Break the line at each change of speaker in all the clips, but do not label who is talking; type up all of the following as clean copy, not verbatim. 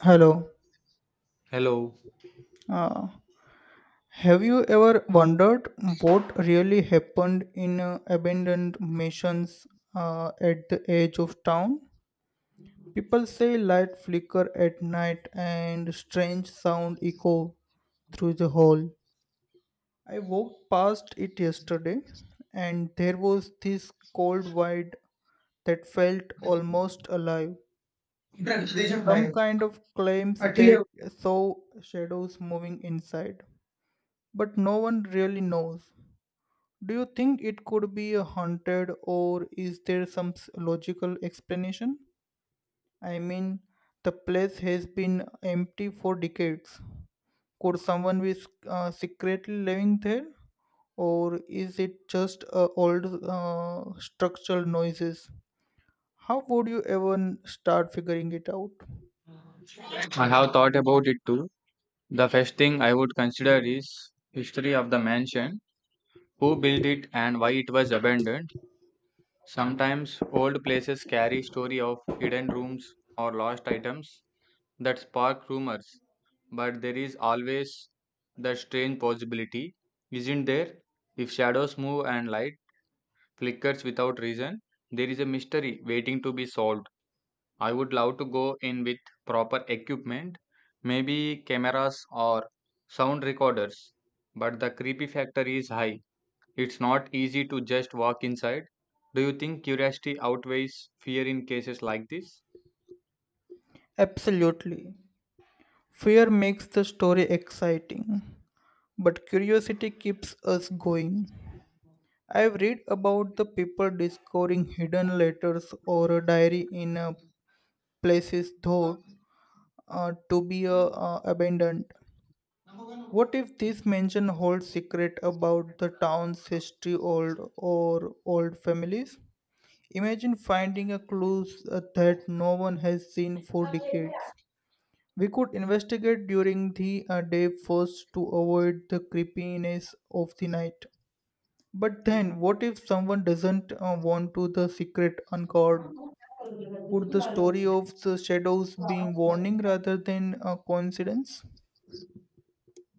Hello.
Hello,
Uh, have you ever wondered what really happened in abandoned missions at the edge of town? People say light flicker at night and strange sound echo through the hall. I walked past it yesterday and there was this cold void that felt almost alive. Some kind of claims that saw shadows moving inside, but no one really knows. Do you think it could be a haunted, or is there some logical explanation? I mean, the place has been empty for decades. Could someone be secretly living there, or is it just old structural noises? How would you even start figuring it out?
I have thought about it too. The first thing I would consider is history of the mansion, who built it and why it was abandoned. Sometimes old places carry story of hidden rooms or lost items that spark rumors, but there is always the strange possibility, isn't there? If shadows move and light flickers without reason, there is a mystery waiting to be solved. I would love to go in with proper equipment, maybe cameras or sound recorders, but the creepy factor is high. It's not easy to just walk inside. Do you think curiosity outweighs fear in cases like this?
Absolutely. Fear makes the story exciting, but curiosity keeps us going. I've read about the people discovering hidden letters or a diary in places thought to be abandoned. What if this mansion holds secret about the town's history old or old families? Imagine finding a clue that no one has seen for decades. We could investigate during the day first to avoid the creepiness of the night. But then, what if someone doesn't want to the secret uncovered? Could the story of the shadows be warning rather than a coincidence?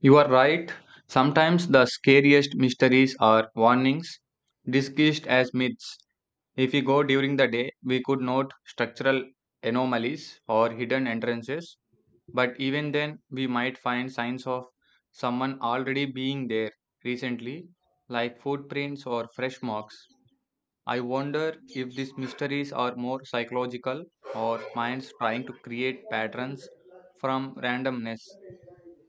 You are right. Sometimes the scariest mysteries are warnings disguised as myths. If we go during the day, we could note structural anomalies or hidden entrances. But even then, we might find signs of someone already being there recently, like footprints or fresh marks. I wonder if these mysteries are more psychological or minds trying to create patterns from randomness.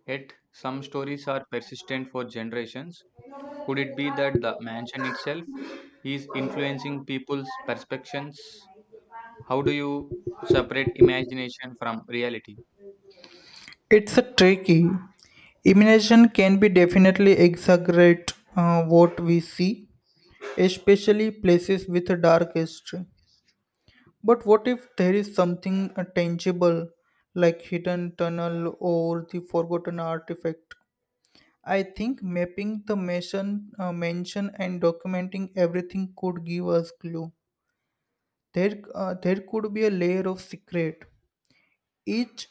Yet, some stories are persistent for generations. Could it be that the mansion itself is influencing people's perceptions? How do you separate imagination from reality?
It's a tricky. Imagination can be definitely exaggerate what we see, especially places with a dark history. But what if there is something tangible, like hidden tunnel or the forgotten artifact? I think mapping the mansion and documenting everything could give us clue. There could be a layer of secret, each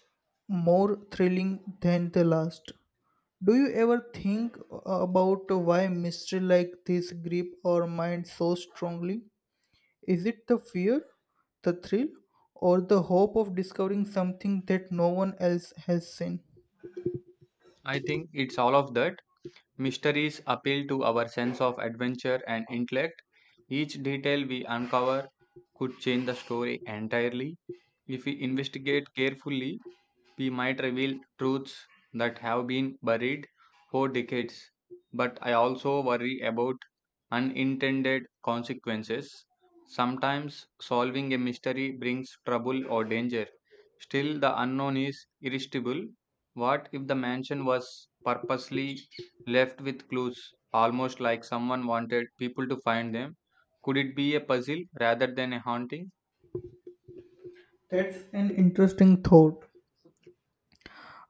more thrilling than the last. Do you ever think about why mystery like this grip our mind so strongly? Is it the fear, the thrill, or the hope of discovering something that no one else has seen?
I think it's all of that. Mysteries appeal to our sense of adventure and intellect. Each detail we uncover could change the story entirely if we investigate carefully. We might reveal truths that have been buried for decades, but I also worry about unintended consequences. Sometimes solving a mystery brings trouble or danger. Still, the unknown is irresistible. What if the mansion was purposely left with clues, almost like someone wanted people to find them? Could it be a puzzle rather than a haunting?
That's an interesting thought.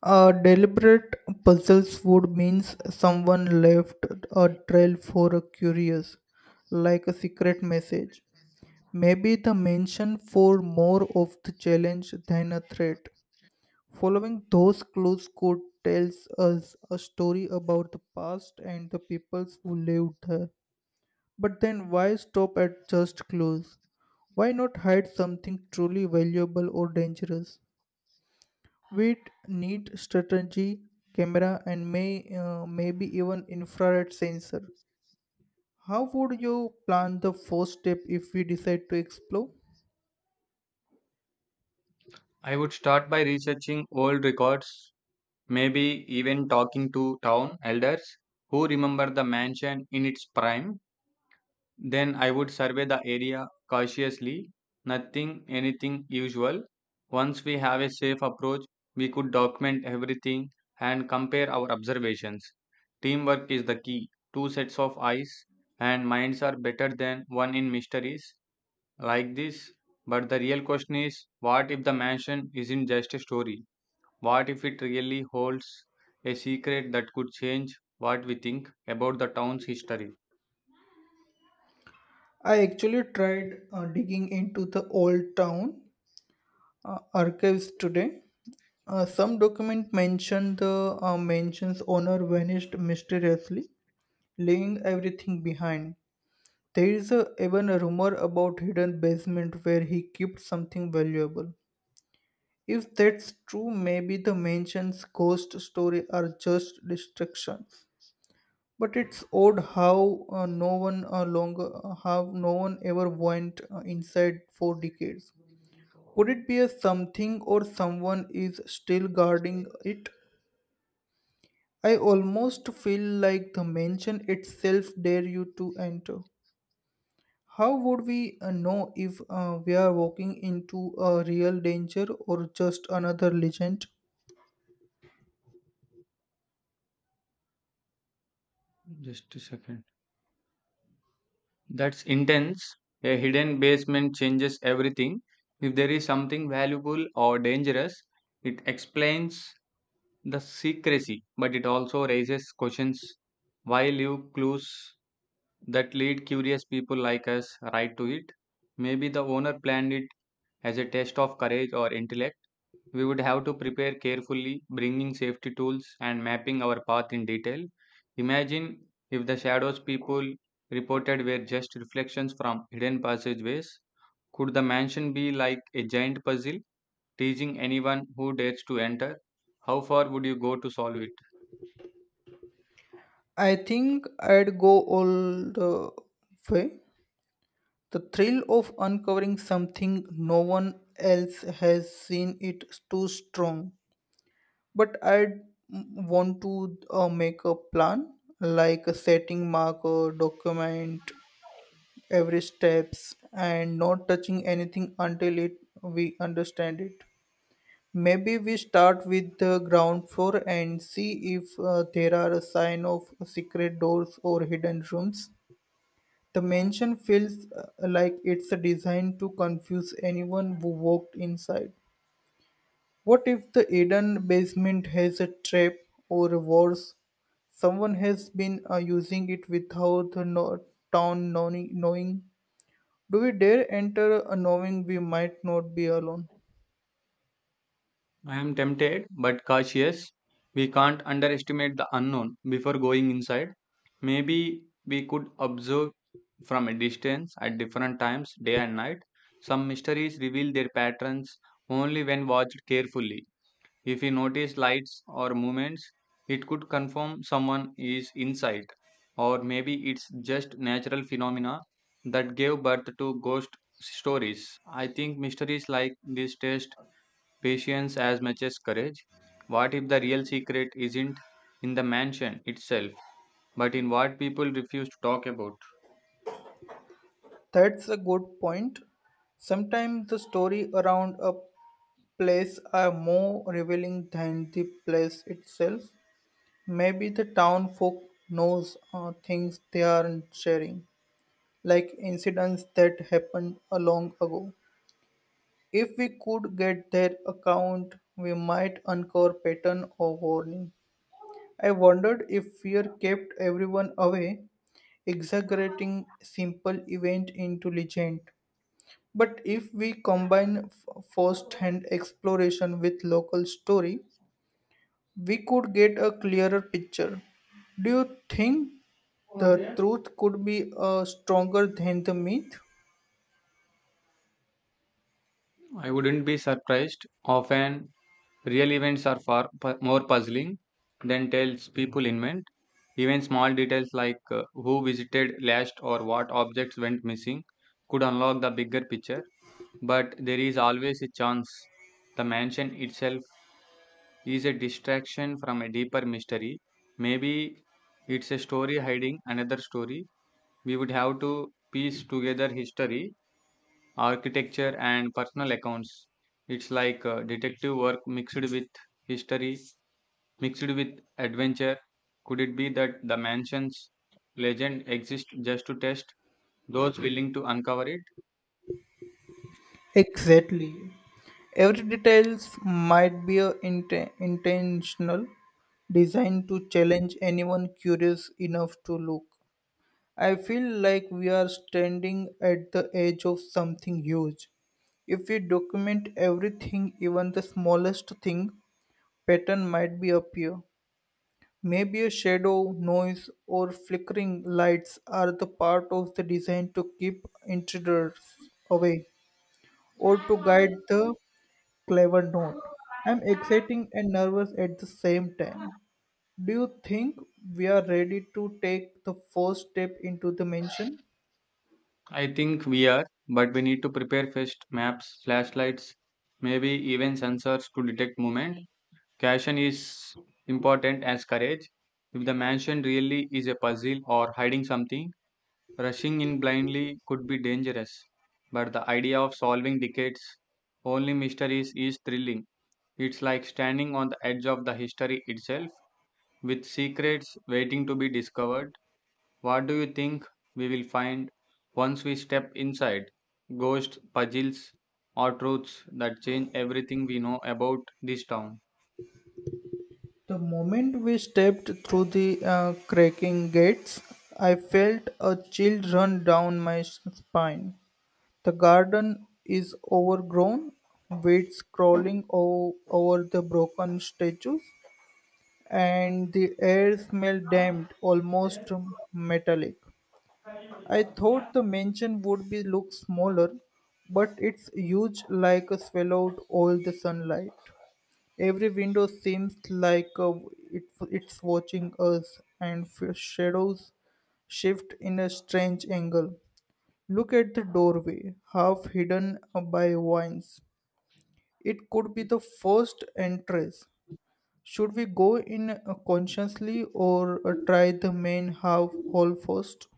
A deliberate puzzles would means someone left a trail for a curious, like a secret message. Maybe the mention for more of the challenge than a threat. Following those clues could tells us a story about the past and the peoples who lived there. But then why stop at just clues? Why not hide something truly valuable or dangerous? With neat strategy, camera, and maybe even infrared sensor. How would you plan the first step if we decide to explore?
I would start by researching old records. Maybe even talking to town elders who remember the mansion in its prime. Then I would survey the area cautiously, nothing anything usual. Once we have a safe approach, we could document everything and compare our observations. Teamwork is the key. Two sets of eyes and minds are better than one in mysteries like this. But the real question is, what if the mansion isn't just a story? What if it really holds a secret that could change what we think about the town's history?
I actually tried digging into the old town archives today. Some document mention the mansion's owner vanished mysteriously, leaving everything behind. There is a, even a rumor about hidden basement where he kept something valuable. If that's true, maybe the mansion's ghost story are just distraction. But it's odd how no one longer how no one ever went inside for decades. Could it be a something or someone is still guarding it? I almost feel like the mansion itself dare you to enter. How would we know if we are walking into a real danger or just another legend?
Just a second. That's intense. A hidden basement changes everything. If there is something valuable or dangerous, it explains the secrecy, but it also raises questions. Why leave clues that lead curious people like us right to it? Maybe the owner planned it as a test of courage or intellect. We would have to prepare carefully, bringing safety tools and mapping our path in detail. Imagine if the shadows people reported were just reflections from hidden passageways. Could the mansion be like a giant puzzle, teasing anyone who dares to enter? How far would you go to solve it?
I think I'd go all the way. The thrill of uncovering something no one else has seen it too strong. But I'd want to make a plan, like a setting marker, document every steps, and not touching anything until it we understand it. Maybe we start with the ground floor and see if there are a sign of secret doors or hidden rooms. The mansion feels like it's designed to confuse anyone who walked inside. What if the hidden basement has a trap or worse? Someone has been using it without the town knowing. Do we dare enter knowing we might not be alone?
I am tempted but cautious. We can't underestimate the unknown before going inside. Maybe we could observe from a distance at different times, day and night. Some mysteries reveal their patterns only when watched carefully. If we notice lights or movements, it could confirm someone is inside. Or maybe it's just natural phenomena that gave birth to ghost stories. I think mysteries like this test patience as much as courage. What if the real secret isn't in the mansion itself, but in what people refuse to talk about?
That's a good point. Sometimes the story around a place are more revealing than the place itself. Maybe the town folk knows things they aren't sharing, like incidents that happened a long ago. If we could get their account, we might uncover pattern or warning. I wondered if fear kept everyone away, exaggerating simple event into legend. But if we combine first-hand exploration with local story, we could get a clearer picture. Do you think the truth could be stronger than the myth?
I wouldn't be surprised. Often, real events are far more puzzling than tells people invent. Even small details like who visited last or what objects went missing could unlock the bigger picture. But there is always a chance the mansion itself is a distraction from a deeper mystery. Maybe it's a story hiding another story. We would have to piece together history, architecture, and personal accounts. It's like detective work mixed with history, mixed with adventure. Could it be that the mansion's legend exists just to test those willing to uncover it?
Exactly. Every details might be a intentional designed to challenge anyone curious enough to look. I feel like we are standing at the edge of something huge. If we document everything, even the smallest thing, pattern might be appear. Maybe a shadow, noise, or flickering lights are the part of the design to keep intruders away or to guide the clever note. I'm excited and nervous at the same time. Do you think we are ready to take the first step into the mansion?
I think we are, but we need to prepare first: maps, flashlights, maybe even sensors to detect movement. Caution is important as courage. If the mansion really is a puzzle or hiding something, rushing in blindly could be dangerous, but the idea of solving decades only mysteries is thrilling. It's like standing on the edge of the history itself with secrets waiting to be discovered. What do you think we will find once we step inside? Ghosts, puzzles, or truths that change everything we know about this town?
The moment we stepped through the cracking gates, I felt a chill run down my spine. The garden is overgrown, weeds crawling over the broken statues, and the air smells damp, almost metallic. I thought the mansion would be look smaller, but it's huge like a swallowed all the sunlight. Every window seems like it, it's watching us, and shadows shift in a strange angle. Look at the doorway, half hidden by vines. It could be the first entrance. Should we go in consciously or try the main half hall first?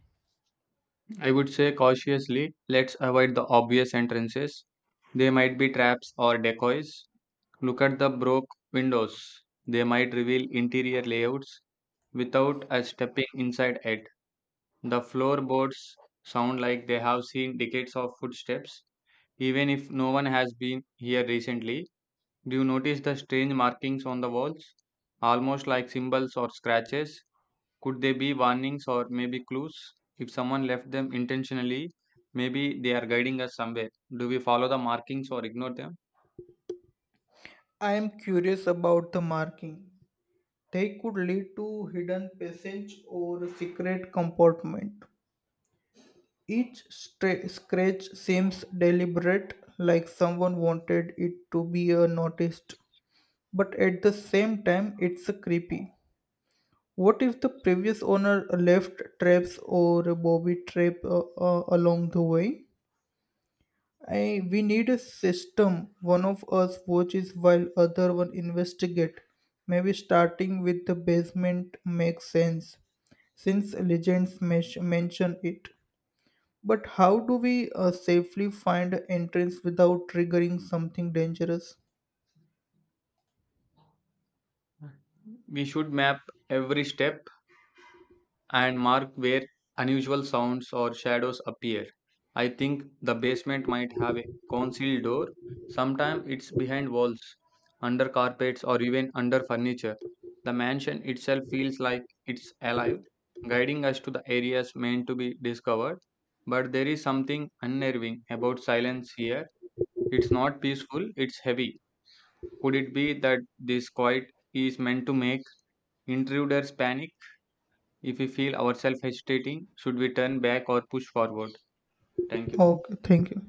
I would say cautiously, let's avoid the obvious entrances. They might be traps or decoys. Look at the broke windows. They might reveal interior layouts without us stepping inside it. The floorboards sound like they have seen decades of footsteps, even if no one has been here recently. Do you notice the strange markings on the walls? Almost like symbols or scratches. Could they be warnings or maybe clues? If someone left them intentionally, maybe they are guiding us somewhere. Do we follow the markings or ignore them?
I am curious about the marking. They could lead to hidden passage or secret compartment. Each scratch seems deliberate, like someone wanted it to be noticed, but at the same time, it's creepy. What if the previous owner left traps or Bobby trap along the way? We need a system. One of us watches while other one investigate. Maybe starting with the basement makes sense since legends mention it. But how do we safely find entrance without triggering something dangerous?
We should map every step and mark where unusual sounds or shadows appear. I think the basement might have a concealed door. Sometimes it's behind walls, under carpets, or even under furniture. The mansion itself feels like it's alive, guiding us to the areas meant to be discovered. But there is something unnerving about silence here. It's not peaceful, it's heavy. Could it be that this quiet is meant to make intruders panic? If we feel ourselves hesitating, should we turn back or push forward? Thank you.
Okay, thank you.